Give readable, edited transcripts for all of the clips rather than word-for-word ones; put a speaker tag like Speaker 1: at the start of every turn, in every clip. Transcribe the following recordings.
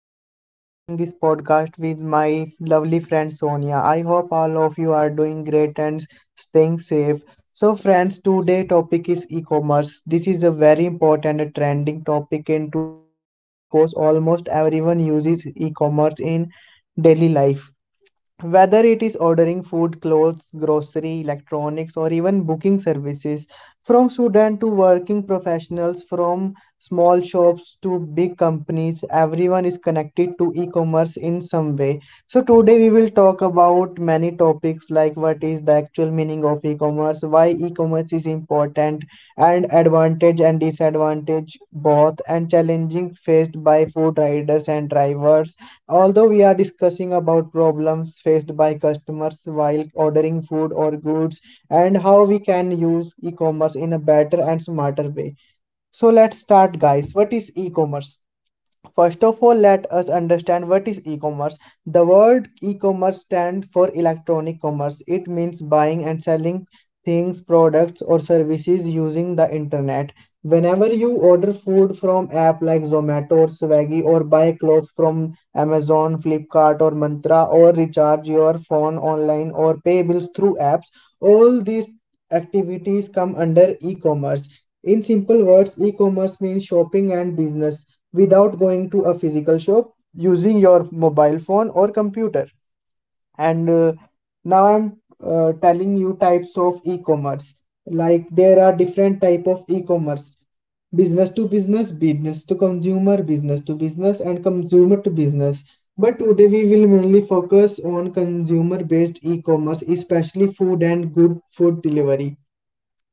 Speaker 1: And I am starting this podcast with my lovely friend Sonia. I hope all of you are doing great and staying safe. So, friends, today topic is e-commerce. This is a very important and trending topic in today's world because almost everyone uses e-commerce in daily life, whether it is ordering food, clothes, grocery, electronics, or even booking services, from student to working professionals, from small shops to big companies, everyone is connected to e-commerce in some way. So today we will talk about many topics like what is the actual meaning of e-commerce, why e-commerce is important, and advantage and disadvantage both, and challenges faced by food riders and drivers. Although we are discussing about problems faced by customers while ordering food or goods and how we can use e-commerce in a better and smarter way. So let's start, guys. What is e-commerce? First of all, let us understand what is e-commerce. The word e-commerce stands for electronic commerce. It means buying and selling things, products or services using the internet. Whenever you order food from app like Zomato or Swaggy, or buy clothes from Amazon, Flipkart or Mantra, or recharge your phone online, or pay bills through apps, all these activities come under e-commerce. In simple words, e-commerce means shopping and business without going to a physical shop, using your mobile phone or computer. And Now I'm telling you types of e-commerce. Like, there are different type of e-commerce: business to business, business to consumer, business to business, and consumer to business. But today we will mainly focus on consumer based e-commerce, especially food and good food delivery.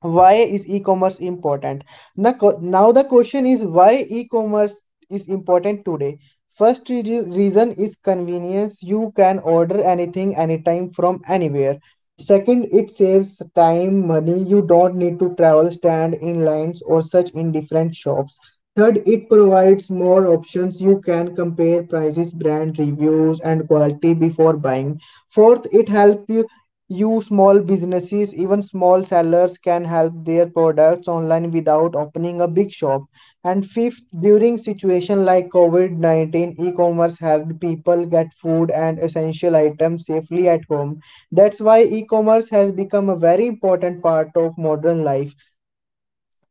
Speaker 1: Why is e-commerce important? Now the question is, why e-commerce is important today? First, reason is convenience. You can order anything, anytime, from anywhere. Second, it saves time, money. You don't need to travel, stand in lines, or search in different shops. Third, it provides more options. You can compare prices, brand reviews, and quality before buying. Fourth, it helps you small businesses. Even small sellers can help their products online without opening a big shop. And fifth, during situation like COVID-19, e-commerce helped people get food and essential items safely at home. That's why e-commerce has become a very important part of modern life.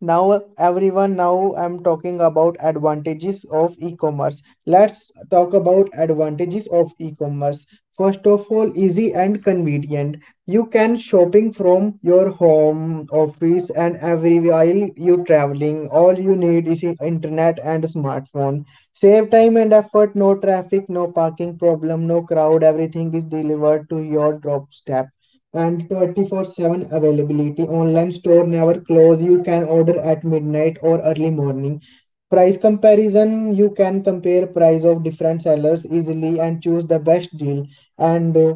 Speaker 1: Now, everyone, now I'm talking about advantages of e-commerce. Let's talk about advantages of e-commerce. First of all, easy and convenient. You can shopping from your home, office, and every while you traveling. All you need is internet and smartphone. Save time and effort. No traffic, no parking problem, no crowd. Everything is delivered to your doorstep. And 24/7 availability. Online store never close. You can order at midnight or early morning. Price comparison, you can compare price of different sellers easily and choose the best deal. And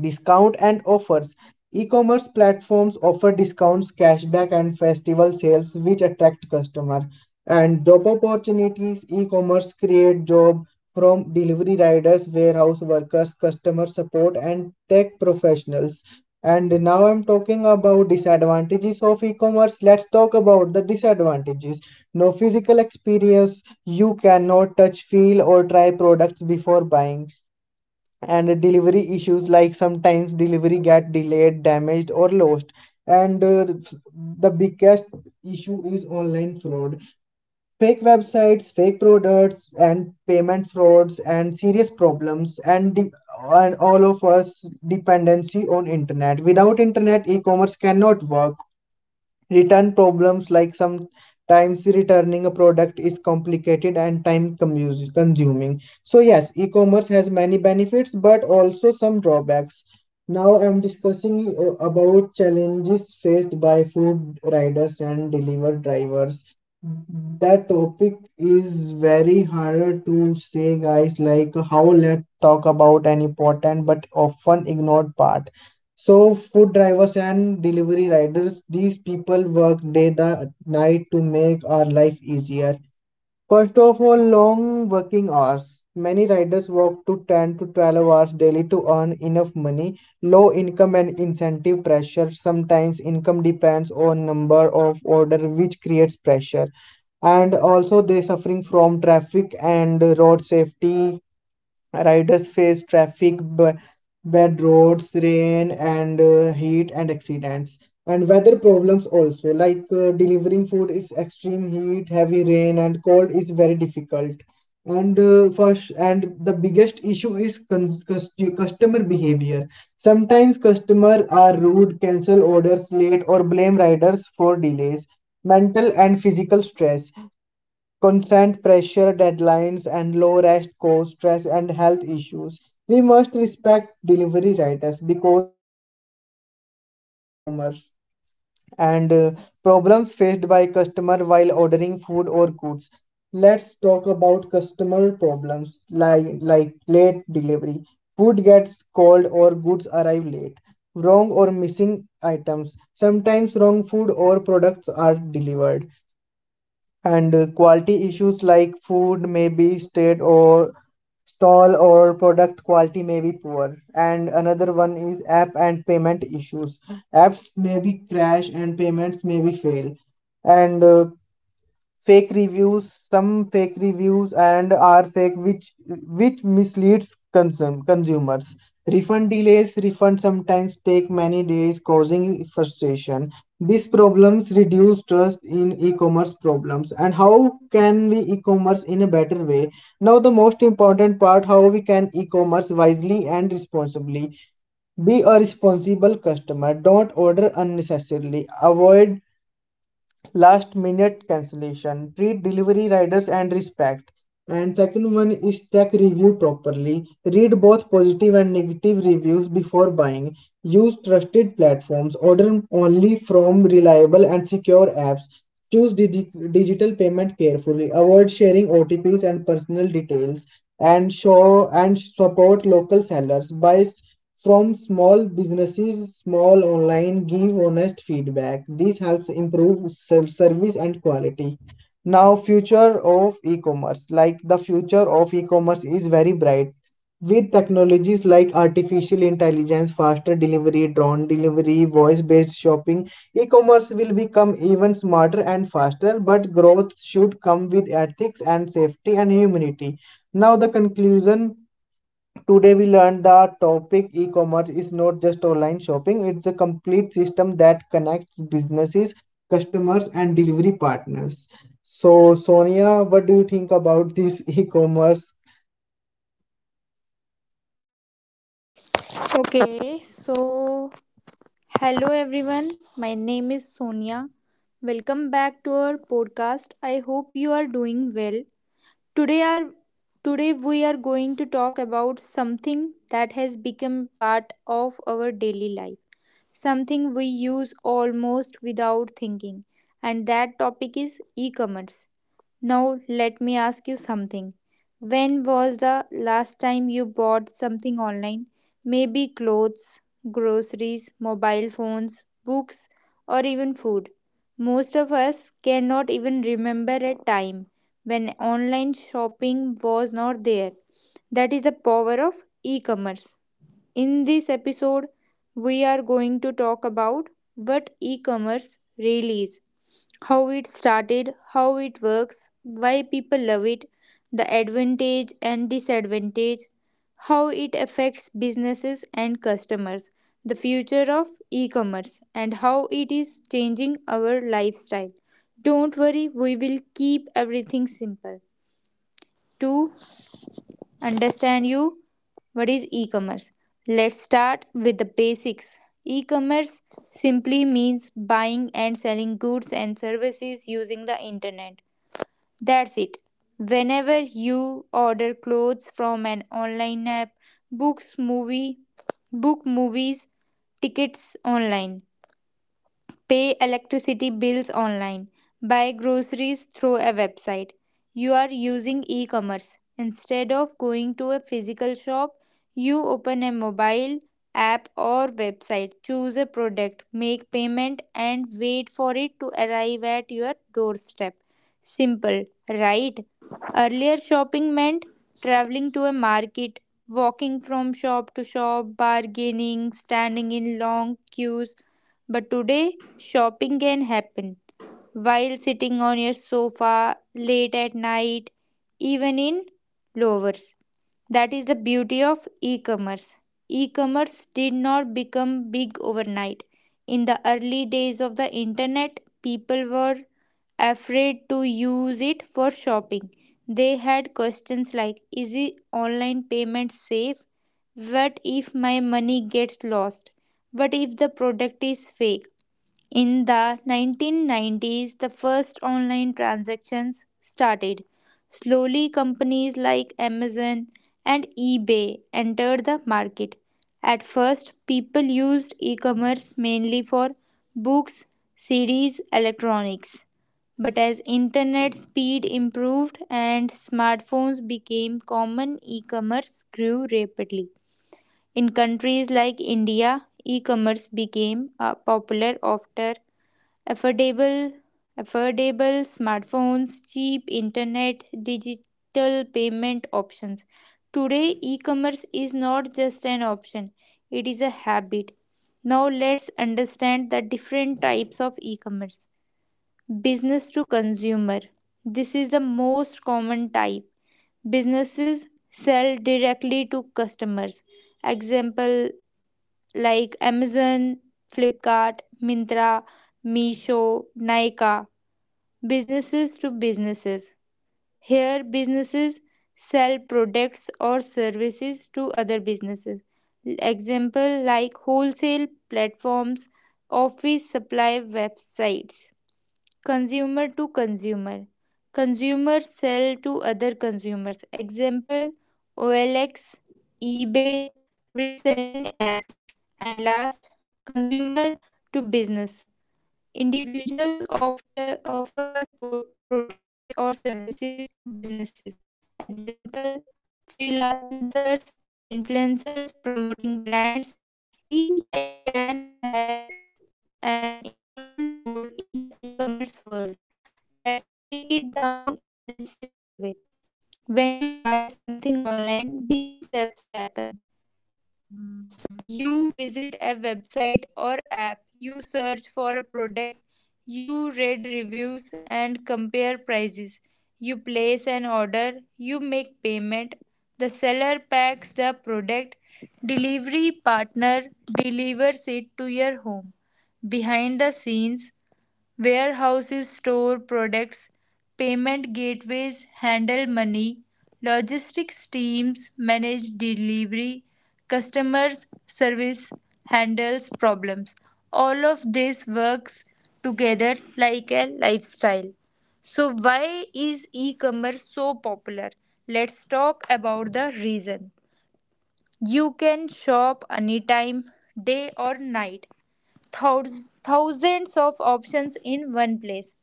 Speaker 1: Discount and offers. E-commerce platforms offer discounts, cashback, and festival sales which attract customers. And job opportunities, e-commerce create job, from delivery riders, warehouse workers, customer support, and tech professionals. And now I'm talking about disadvantages of e-commerce. Let's talk about the disadvantages. No physical experience. You cannot touch, feel, or try products before buying. And delivery issues, like sometimes delivery get delayed, damaged, or lost. And The biggest issue is online fraud. Fake websites, fake products, and payment frauds and serious problems, and all of us dependency on internet. Without internet, e-commerce cannot work. Return problems, like sometimes returning a product is complicated and time consuming. So yes, e-commerce has many benefits but also some drawbacks. Now I'm discussing about challenges faced by food riders and delivery drivers. That topic is very hard to say, guys. Like, how, let's talk about an important but often ignored part. So, food drivers and delivery riders, these people work day the night to make our life easier. First of all, long working hours. Many riders work to 10 to 12 hours daily to earn enough money. Low income and incentive pressure. Sometimes income depends on number of order which creates pressure. And also they suffering from traffic and road safety. Riders face traffic, bad roads, rain, and heat, and accidents. And weather problems also, like delivering food is extreme heat, heavy rain, and cold is very difficult. And First, and the biggest issue is customer behavior. Sometimes customers are rude, cancel orders late, or blame riders for delays. Mental and physical stress. Constant pressure, deadlines, and low rest cause stress and health issues. We must respect delivery riders because they are the backbone of e-commerce. And Problems faced by customer while ordering food or goods. Let's talk about customer problems, like late delivery. Food gets cold or goods arrive late. Wrong or missing items. Sometimes wrong food or products are delivered. And Quality issues, like food may be state or stall, or product quality may be poor. And another one is app and payment issues. Apps may be crash and payments may be fail. And Fake reviews, some fake reviews and are fake, which misleads consumers. Refund delays, refund sometimes take many days, causing frustration. These problems reduce trust in e-commerce problems. And how can we e-commerce in a better way? Now the most important part, how we can e-commerce wisely and responsibly. Be a responsible customer. Don't order unnecessarily, avoid last minute cancellation, treat delivery riders and respect. And second one is, check review properly. Read both positive and negative reviews before buying. Use trusted platforms, order only from reliable and secure apps. Choose digital payment carefully, avoid sharing OTPs and personal details. And show and support local sellers, buy from small businesses, small online. Give honest feedback, this helps improve self service and quality. Now, future of e-commerce. Like, the future of e-commerce is very bright, with technologies like artificial intelligence, faster delivery, drone delivery, voice based shopping. E-commerce will become even smarter and faster, but growth should come with ethics and safety and humanity. Now the conclusion. Today we learned the topic e-commerce is not just online shopping, it's a complete system that connects businesses, customers, and delivery partners. So, Sonia, what do you think about this e-commerce?
Speaker 2: Okay, so hello everyone. My name is Sonia. Welcome back to our podcast. I hope you are doing well. Today are today we are going to talk about something that has become part of our daily life. Something we use almost without thinking. And that topic is e-commerce. Now, let me ask you something. When was the last time you bought something online? Maybe clothes, groceries, mobile phones, books, or even food. Most of us cannot even remember a time when online shopping was not there. That is the power of e commerce. In this episode, we are going to talk about what e commerce really is, how it started, how it works, why people love it, the advantage and disadvantage, how it affects businesses and customers, the future of e commerce, and how it is changing our lifestyle. Don't worry, we will keep everything simple. To understand you what is e-commerce. Let's start with the basics. E-commerce simply means buying and selling goods and services using the internet. That's it. Whenever you order clothes from an online app, books, movie, book movies, tickets online, pay electricity bills online. Buy groceries through a website. You are using e commerce. Instead of going to a physical shop, you open a mobile app or website, choose a product, make payment, and wait for it to arrive at your doorstep. Simple, right? Earlier, shopping meant traveling to a market, walking from shop to shop, bargaining, standing in long queues. But today, shopping can happen while sitting on your sofa, late at night, even in lowers. That is the beauty of e commerce. E commerce did not become big overnight. In the early days of the internet, people were afraid to use it for shopping. They had questions like, is it online payment safe? What if my money gets lost? What if the product is fake? In the 1990s, the first online transactions started. Slowly, companies like Amazon and eBay entered the market. At first, people used e commerce mainly for books, CDs, electronics. But as internet speed improved and smartphones became common, e commerce grew rapidly. In countries like India, e commerce became popular after affordable affordable smartphones, cheap internet, digital payment options. Today e-commerce is not just an option, it is a habit. Now let's understand the different types of e-commerce. Business to consumer: this is the most common type. Businesses sell directly to customers. Example, like Amazon, Flipkart, Mintra, Meesho, Nika. Businesses to businesses. Here, businesses sell products or services to other businesses. Example, like wholesale platforms, office supply websites. Consumer to consumer. Consumers sell to other consumers. Example, OLX, eBay, reselling apps. And last, consumer to business. Individuals often offer products or services to businesses. Example, freelancers, influencers, promoting brands. Each type plan has an important role in the e commerce world. Let's break it down in a simple way. When you buy something online, these steps happen: you visit a website or app, you search for a product, you read reviews and compare prices, you place an order, you make payment, the seller packs the product, delivery partner delivers it to your home. Behind the scenes, warehouses store products, payment gateways handle money, logistics teams manage delivery, customer service handles problems. All of this works together like a lifestyle. So, why is e commerce so popular? Let's talk about the reason. You can shop anytime, day or night. Thousands of options in one place,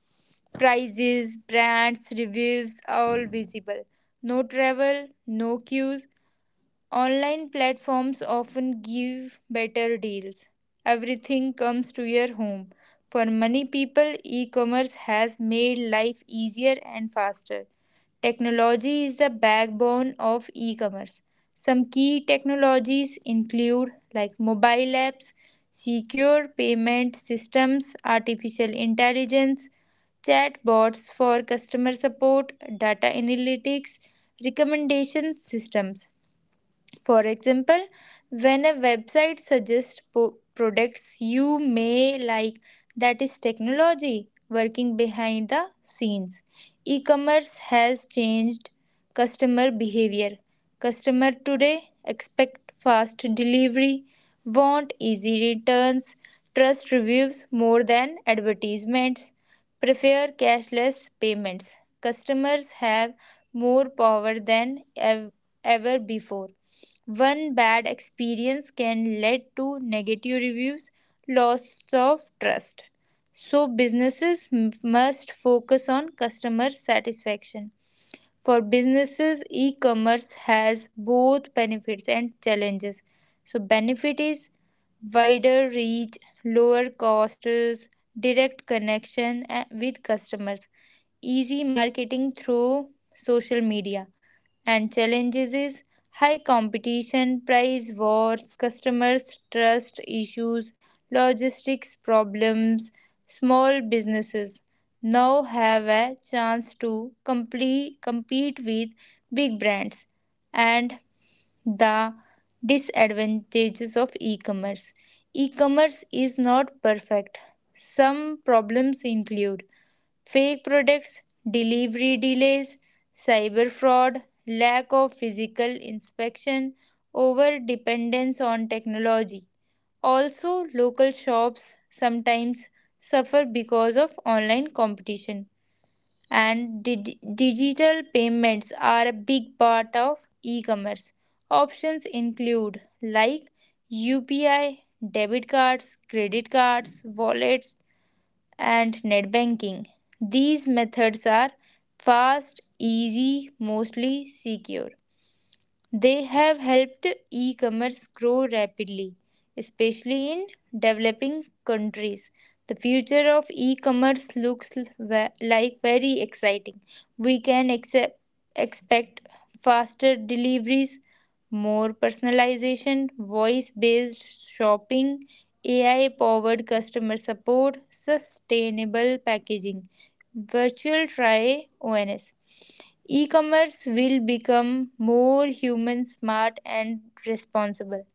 Speaker 2: prices, brands, reviews, all visible. No travel, no queues. Online platforms often give better deals. Everything comes to your home. For many people, e commerce has made life easier and faster. Technology is the backbone of e commerce. Some key technologies include like mobile apps, secure payment systems, artificial intelligence, chatbots for customer support, data analytics, recommendation systems. For example, when a website suggests products you may like, that is technology working behind the scenes. E commerce has changed customer behavior. Customer today expect fast delivery, want easy returns, trust reviews more than advertisements, prefer cashless payments. Customers have more power than ever before. One bad experience can lead to negative reviews, loss of trust. So, businesses must focus on customer satisfaction. For businesses, e commerce has both benefits and challenges. So, benefit is wider reach, lower costs, direct connection with customers, easy marketing through social media, and challenges is high competition, price wars, customers trust issues, logistics problems. Small businesses now have a chance to compete with big brands. And the disadvantages of e-commerce. E-commerce is not perfect. Some problems include fake products, delivery delays, cyber fraud, lack of physical inspection, over dependence on technology. Also, local shops sometimes suffer because of online competition. And digital payments are a big part of e commerce. Options include like UPI, debit cards, credit cards, wallets, and net banking. These methods are fast, easy, mostly secure. They have helped e commerce grow rapidly, especially in developing countries. The future of e commerce looks like very exciting. We can expect faster deliveries, more personalization, voice based shopping, AI powered customer support, sustainable packaging, virtual try ONS. E-commerce will become more human, smart and responsible.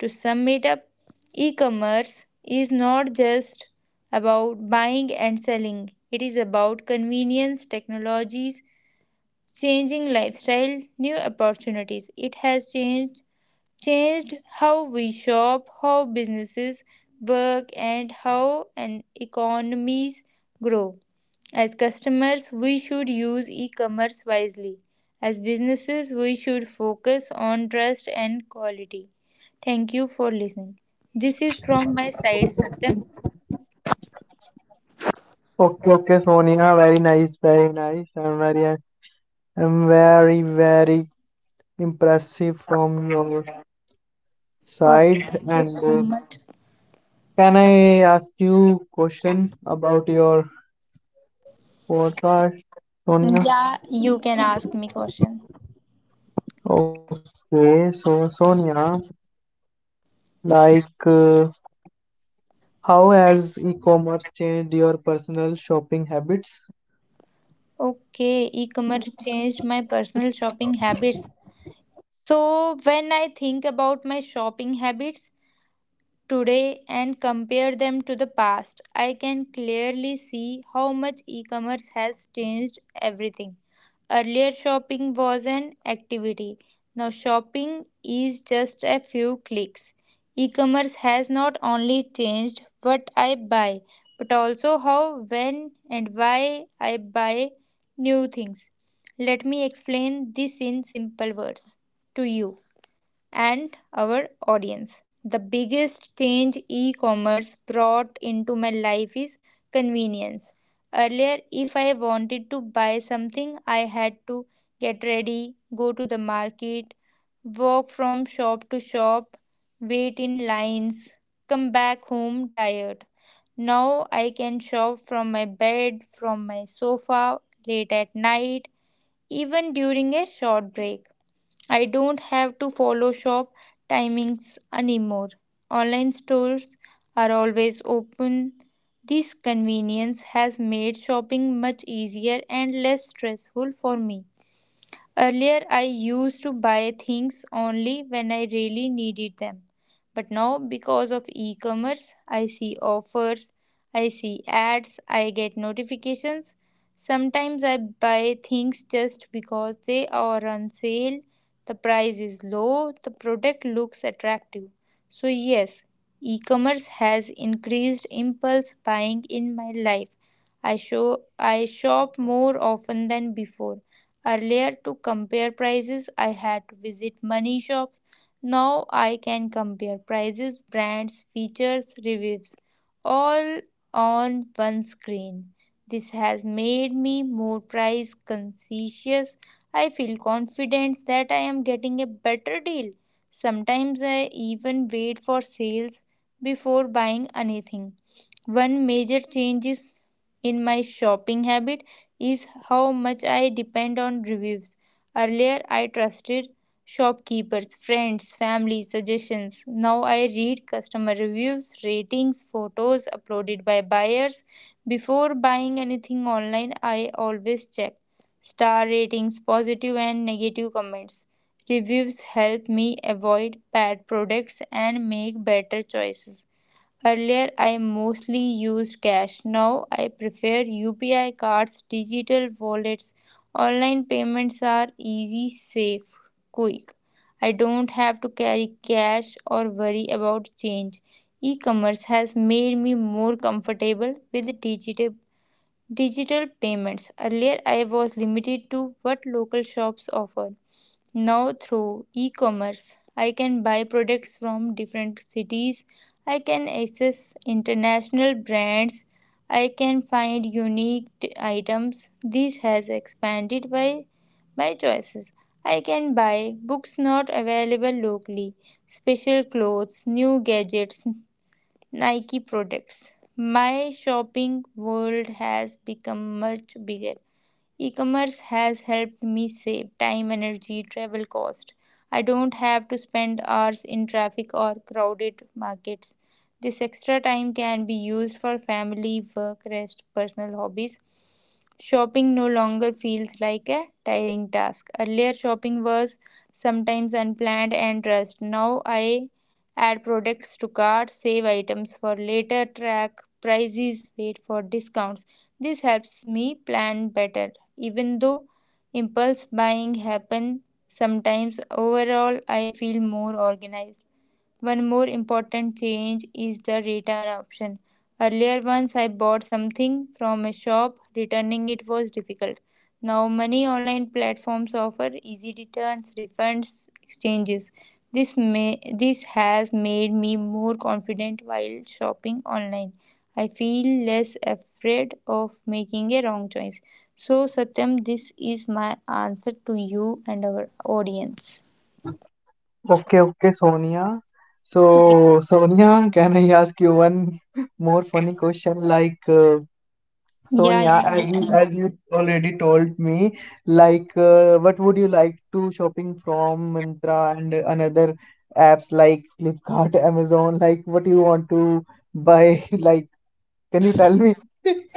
Speaker 2: To sum it up, e-commerce is not just about buying and selling. It is about convenience, technologies, changing lifestyle, new opportunities. It has changed how we shop, how businesses work, and how an economies grow. As customers, we should use e commerce wisely. As businesses, we should focus on trust and quality. Thank you for listening. This is from my side, Satyam.
Speaker 1: Okay, okay, Sonia, very nice, very nice. I'm very, very impressive from your
Speaker 2: Okay,
Speaker 1: side.
Speaker 2: thank you
Speaker 1: And
Speaker 2: so much.
Speaker 1: Can I ask you question about your podcast, Sonia?
Speaker 2: Yeah, you can ask me question.
Speaker 1: Okay, so Sonia, like, how has e-commerce changed your personal shopping habits?
Speaker 2: Okay, e-commerce changed my personal shopping habits. So, when I think about my shopping habits today and compare them to the past, I can clearly see how much e commerce has changed everything. Earlier, shopping was an activity. Now, shopping is just a few clicks. E commerce has not only changed what I buy, but also how, when, and why I buy new things. Let me explain this in simple words to you and our audience. The biggest change e commerce brought into my life is convenience. Earlier, if I wanted to buy something, I had to get ready, go to the market, walk from shop to shop, wait in lines, come back home tired. Now I can shop from my bed, from my sofa, late at night, even during a short break. I don't have to follow shop timings anymore. Online stores are always open. This convenience has made shopping much easier and less stressful for me. Earlier, I used to buy things only when I really needed them. But now, because of e commerce, I see offers, I see ads, I get notifications. Sometimes I buy things just because they are on sale, the price is low, the product looks attractive. So, yes, e commerce has increased impulse buying in my life. I shop more often than before. Earlier, to compare prices, I had to visit many shops. Now I can compare prices, brands, features, reviews, all on one screen. This has made me more price conscious. I feel confident that I am getting a better deal. Sometimes I even wait for sales before buying anything. One major change is in my shopping habit is how much I depend on reviews. Earlier, I trusted shopkeepers, friends, family suggestions. Now I read customer reviews, ratings, photos uploaded by buyers. Before buying anything online, I always check star ratings, positive and negative comments. Reviews help me avoid bad products and make better choices. Earlier, I mostly used cash. Now, I prefer UPI cards, digital wallets. Online payments are easy, safe, quick. I don't have to carry cash or worry about change. E commerce has made me more comfortable with digital payments. Earlier, I was limited to what local shops offered. Now through e-commerce, I can buy products from different cities. I can access international brands. I can find unique items. This has expanded by my choices. I can buy books not available locally, special clothes, new gadgets, Nike products. My shopping world has become much bigger. E-commerce has helped me save time, energy, travel cost. I don't have to spend hours in traffic or crowded markets. This extra time can be used for family, work, rest, personal hobbies. Shopping no longer feels like a tiring task. Earlier, shopping was sometimes unplanned and rushed. Now, I add products to cart, save items for later, track prices, wait for discounts. This helps me plan better, even though impulse buying happens sometimes. Overall, I feel more organized. One more important change is the return option. Earlier, once I bought something from a shop, returning it was difficult. Now, many online platforms offer easy returns, refunds, exchanges. This has made me more confident while shopping online. I feel less afraid of making a wrong choice. So, Satyam, this is my answer to you and our audience.
Speaker 1: Okay, okay, Sonia. So, Sonia, can I ask you one more funny question?
Speaker 2: Yeah,
Speaker 1: Sonia,
Speaker 2: yeah.
Speaker 1: as you already told me, what would you like to shopping from Myntra and another apps like Flipkart, Amazon? Like, what do you want to buy? Like, can you tell me?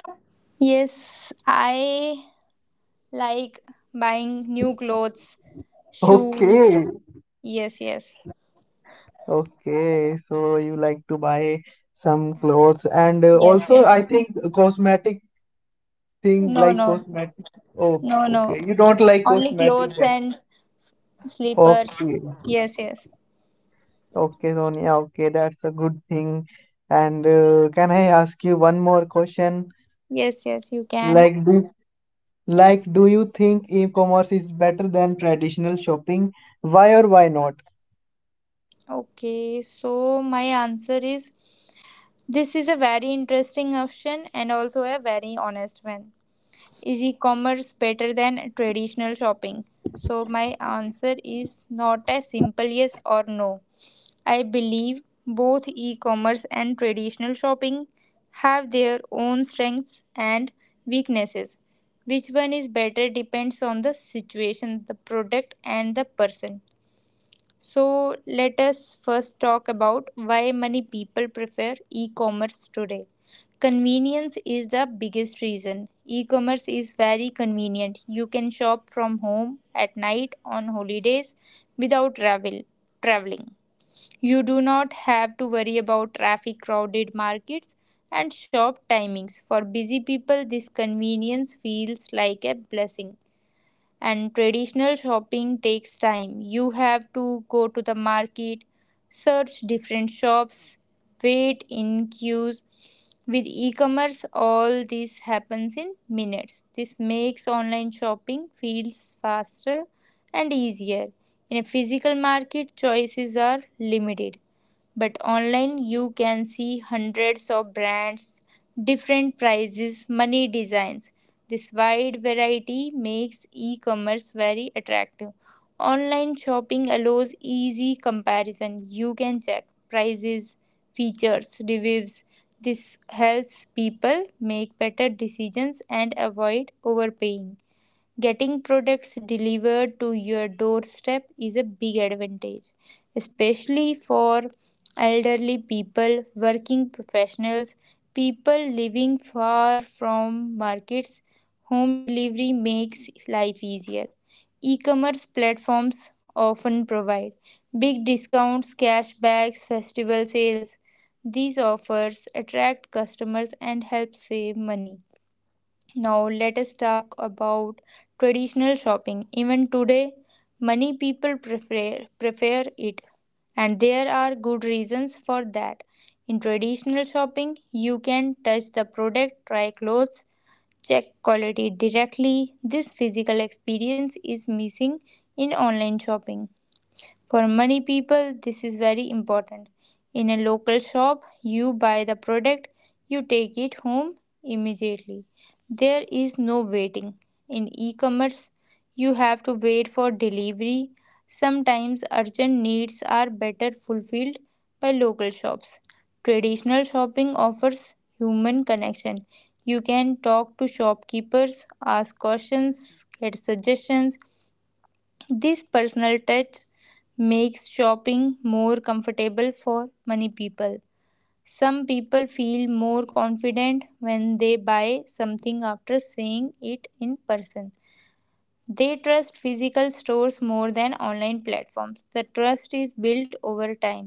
Speaker 2: Yes, I like buying new clothes, shoes.
Speaker 1: Okay.
Speaker 2: Yes, yes,
Speaker 1: Okay, so you like to buy some clothes, and
Speaker 2: yes,
Speaker 1: also
Speaker 2: yes.
Speaker 1: I think cosmetic thing,
Speaker 2: No,
Speaker 1: like
Speaker 2: no,
Speaker 1: cosmetic. Oh,
Speaker 2: no, no.
Speaker 1: okay. You don't like
Speaker 2: Only
Speaker 1: cosmetic.
Speaker 2: clothes
Speaker 1: then.
Speaker 2: and slippers.
Speaker 1: Okay.
Speaker 2: Yes, yes,
Speaker 1: Okay, Sonia. Okay, that's a good thing. And Can I ask you one more question?
Speaker 2: yes, yes, you can.
Speaker 1: Like do like, do you think e-commerce is better than traditional shopping? Why or why not?
Speaker 2: Okay, so my answer is this is a very interesting option and also a very honest one. Is e commerce better than traditional shopping? So, my answer is not a simple yes or no. I believe both e-commerce and traditional shopping have their own strengths and weaknesses. Which one is better depends on the situation, the product, and the person. So, let us first talk about why many people prefer e-commerce today. Convenience is the biggest reason. E-commerce is very convenient. You can shop from home at night on holidays without traveling. You do not have to worry about traffic, crowded markets, and shop timings. For busy people, this convenience feels like a blessing. And traditional shopping takes time. You have to go to the market, search different shops, wait in queues. With e commerce, all this happens in minutes. This makes online shopping feels faster and easier. In a physical market, choices are limited but online you can see hundreds of brands, different prices, money designs. This wide variety makes e-commerce very attractive. Online shopping allows easy comparison. You can check prices, features, reviews. This helps people make better decisions and avoid overpaying. Getting products delivered to your doorstep is a big advantage, especially for elderly people, working professionals, people living far from markets. Home delivery makes life easier. E commerce platforms often provide big discounts, cashbacks, festival sales. These offers attract customers and help save money. Now, let us talk about traditional shopping. Even today, many people prefer it, and there are good reasons for that. In traditional shopping, you can touch the product, try clothes, check quality directly. This physical experience is missing in online shopping. For many people, this is very important. In a local shop, you buy the product, you take it home immediately. There is no waiting. In e commerce, you have to wait for delivery. Sometimes urgent needs are better fulfilled by local shops. Traditional shopping offers human connection. You can talk to shopkeepers, ask questions, get suggestions. This personal touch makes shopping more comfortable for many people. Some people feel more confident when they buy something after seeing it in person. They trust physical stores more than online platforms. The trust is built over time.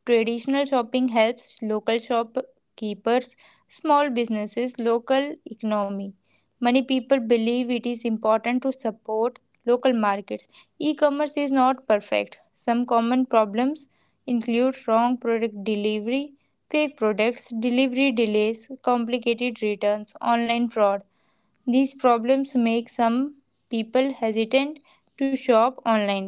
Speaker 2: Traditional shopping helps local shopkeepers, small businesses, local economy. Many people believe it is important to support local markets. E-commerce is not perfect. Some common problems include wrong product delivery, fake products, delivery delays, complicated returns, online fraud. These problems make some people hesitant to shop online.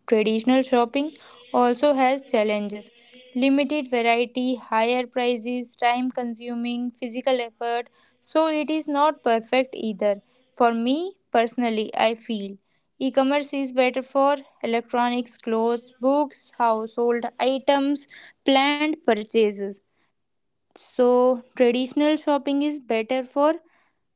Speaker 2: Traditional shopping also has challenges: limited variety, higher prices, time consuming, physical effort, so it is not perfect either. For me personally, I feel e commerce is better for electronics, clothes, books, household items, planned purchases. So, traditional shopping is better for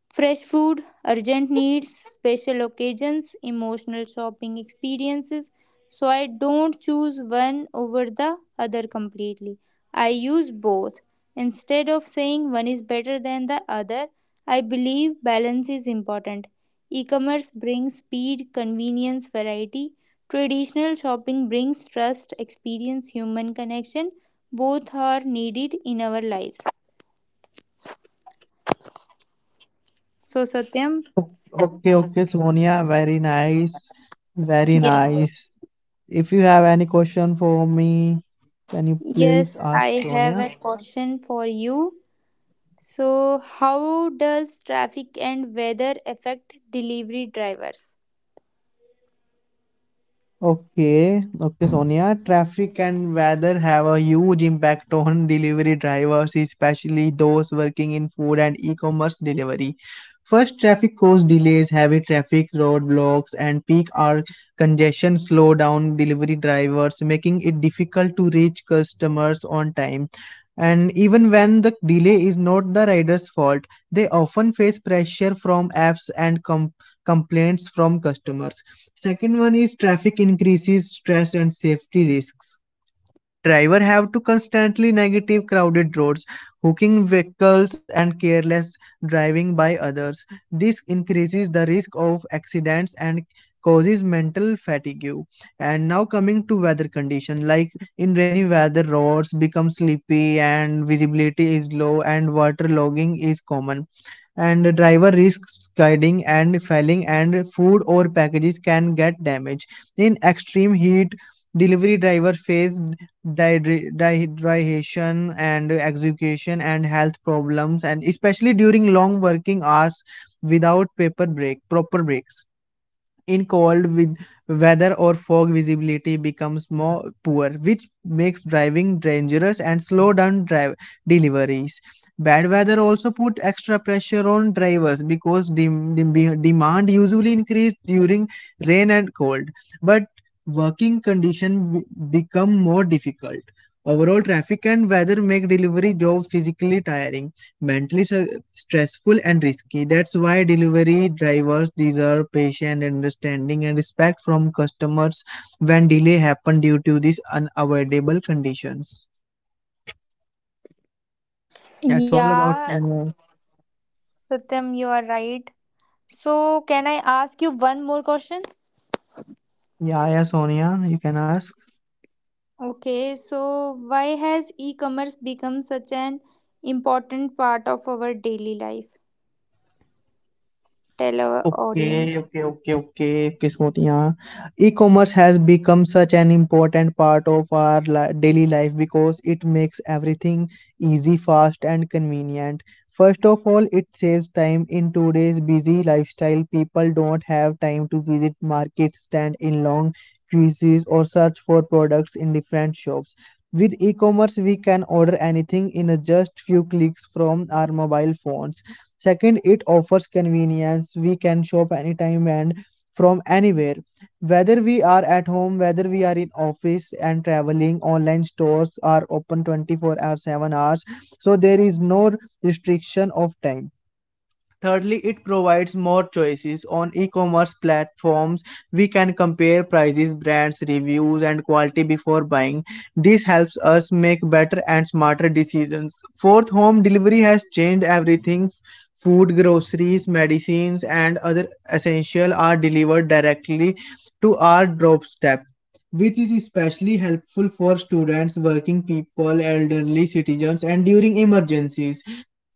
Speaker 2: fresh food, urgent needs, special occasions, emotional shopping experiences. So I don't choose one over the other completely. I use both. Instead of saying one is better than the other, I believe balance is important. E commerce brings speed, convenience, variety. Traditional shopping brings trust, experience, human connection. Both are needed in our lives. So, Satyam.
Speaker 1: Okay, okay, Sonia, very nice, very nice. If you have any question for me, can you please
Speaker 2: Yes,
Speaker 1: ask,
Speaker 2: I have
Speaker 1: Sonia?
Speaker 2: a question for you. So, how does traffic and weather affect delivery drivers?
Speaker 1: Okay, okay, Sonia. Traffic and weather have a huge impact on delivery drivers, especially those working in food and e-commerce delivery. First, traffic cause delays. Heavy traffic, roadblocks, and peak hour congestion slow down delivery drivers, making it difficult to reach customers on time. And even when the delay is not the rider's fault, they often face pressure from apps and complaints from customers. Second one is, traffic increases stress and safety risks. Driver have to constantly navigate crowded roads, hooking vehicles, and careless driving by others. This increases the risk of accidents and causes mental fatigue. And now coming to weather condition, like in rainy weather, roads become sleepy and visibility is low and water logging is common, and the driver risks skidding and falling, and food or packages can get damaged. In extreme heat, delivery driver face dehydration and exhaustion, and health problems, and especially during long working hours without paper break proper breaks. In cold with weather or fog, visibility becomes more poor, which makes driving dangerous and slow down drive deliveries. Bad weather also put extra pressure on drivers because demand usually increase during rain and cold, but working condition become more difficult. Overall, traffic and weather make delivery job physically tiring, mentally stressful, and risky. That's why delivery drivers deserve patience, understanding, and respect from customers when delay happen due to these unavoidable conditions. That's all about,
Speaker 2: Yeah,
Speaker 1: Sonia.
Speaker 2: Satyam, you are right. So, can I ask you one more question?
Speaker 1: Yeah, yeah, Sonia, you can ask.
Speaker 2: Okay, so why has e-commerce become such an important part of our daily life? Tell our
Speaker 1: Okay,
Speaker 2: audience.
Speaker 1: okay, okay, okay, okay, Smriti, yeah. E-commerce has become such an important part of our daily life because it makes everything easy, fast, and convenient. First of all, it saves time in today's busy lifestyle. People don't have time to visit markets, stand in long queues, or search for products in different shops. With e-commerce, we can order anything in a just few clicks from our mobile phones. Second, it offers convenience. We can shop anytime and from anywhere. Whether we are at home, whether we are in office and traveling, online stores are open 24 hours 7 hours. So there is no restriction of time. Thirdly, it provides more choices on e-commerce platforms. We can compare prices, brands, reviews, and quality before buying. This helps us make better and smarter decisions. Fourth, home delivery has changed everything. Food, groceries, medicines, and other essentials are delivered directly to our doorstep, which is especially helpful for students, working people, elderly citizens, and during emergencies.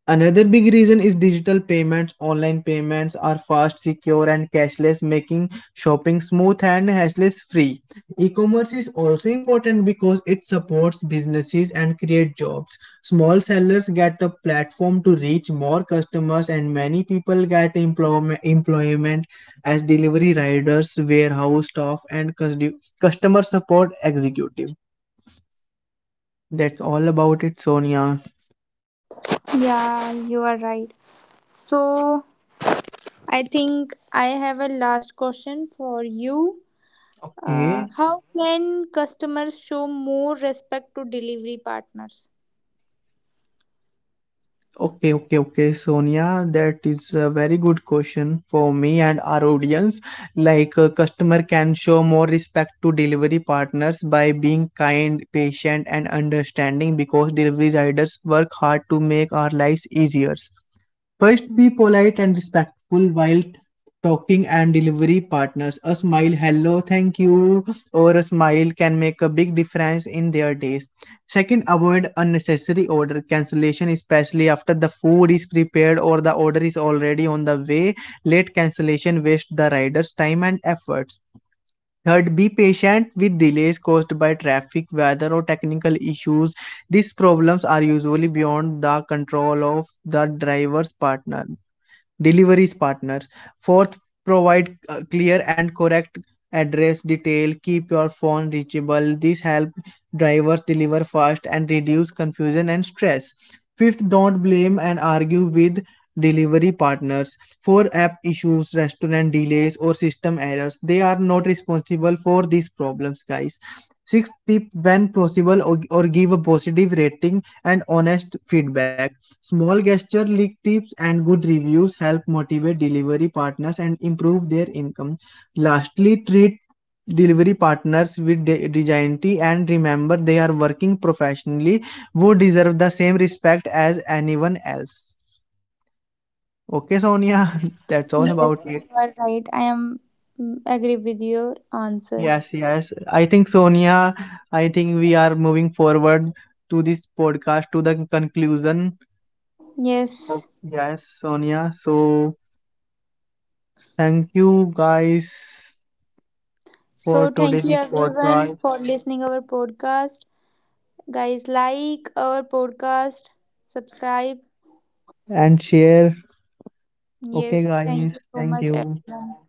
Speaker 1: Another big reason is digital payments. Online payments are fast, secure, and cashless, making shopping smooth and hassle free. E commerce is also important because it supports businesses and creates jobs. Small sellers get a platform to reach more customers, and many people get employment as delivery riders, warehouse staff, and customer support executive. That's all about it, Sonia.
Speaker 2: Yeah, you are right. So, I think I have a last question for you. Uh,
Speaker 1: Okay.
Speaker 2: how can customers show more respect to delivery partners?
Speaker 1: Okay, okay, okay, Sonia, that is a very good question for me and our audience. Like, a customer can show more respect to delivery partners by being kind, patient, and understanding, because delivery riders work hard to make our lives easier. First, be polite and respectful while talking and delivery partners. A smile, hello, thank you, or a smile can make a big difference in their days. Second, avoid unnecessary order cancellation, especially after the food is prepared or the order is already on the way. Late cancellation wastes the rider's time and efforts. Third, be patient with delays caused by traffic, weather, or technical issues. These problems are usually beyond the control of the driver's partner, deliveries partners. Fourth, provide clear and correct address detail. Keep your phone reachable. This help drivers deliver fast and reduce confusion and stress. Fifth, don't blame and argue with delivery partners for app issues, restaurant delays, or system errors. They are not responsible for these problems, guys. Sixth tip, when possible, or give a positive rating and honest feedback. Small gesture, leak tips, and good reviews help motivate delivery partners and improve their income. Lastly, treat delivery partners with dignity, and remember they are working professionally who deserve the same respect as anyone else. Okay, Sonia, that's all
Speaker 2: Yes,
Speaker 1: about it.
Speaker 2: you are right. I am agree with your answer.
Speaker 1: Yes, yes. I think, Sonia, I think we are moving forward to this podcast to the conclusion. Oh,
Speaker 2: Yes.
Speaker 1: yes, Sonia. So, thank you guys
Speaker 2: So
Speaker 1: for
Speaker 2: thank you
Speaker 1: today's
Speaker 2: everyone
Speaker 1: podcast
Speaker 2: for listening our podcast. Guys, like our podcast, subscribe.
Speaker 1: and share. Okay,
Speaker 2: Yes, thank
Speaker 1: guys.
Speaker 2: you so
Speaker 1: Thank
Speaker 2: much
Speaker 1: you.
Speaker 2: everyone.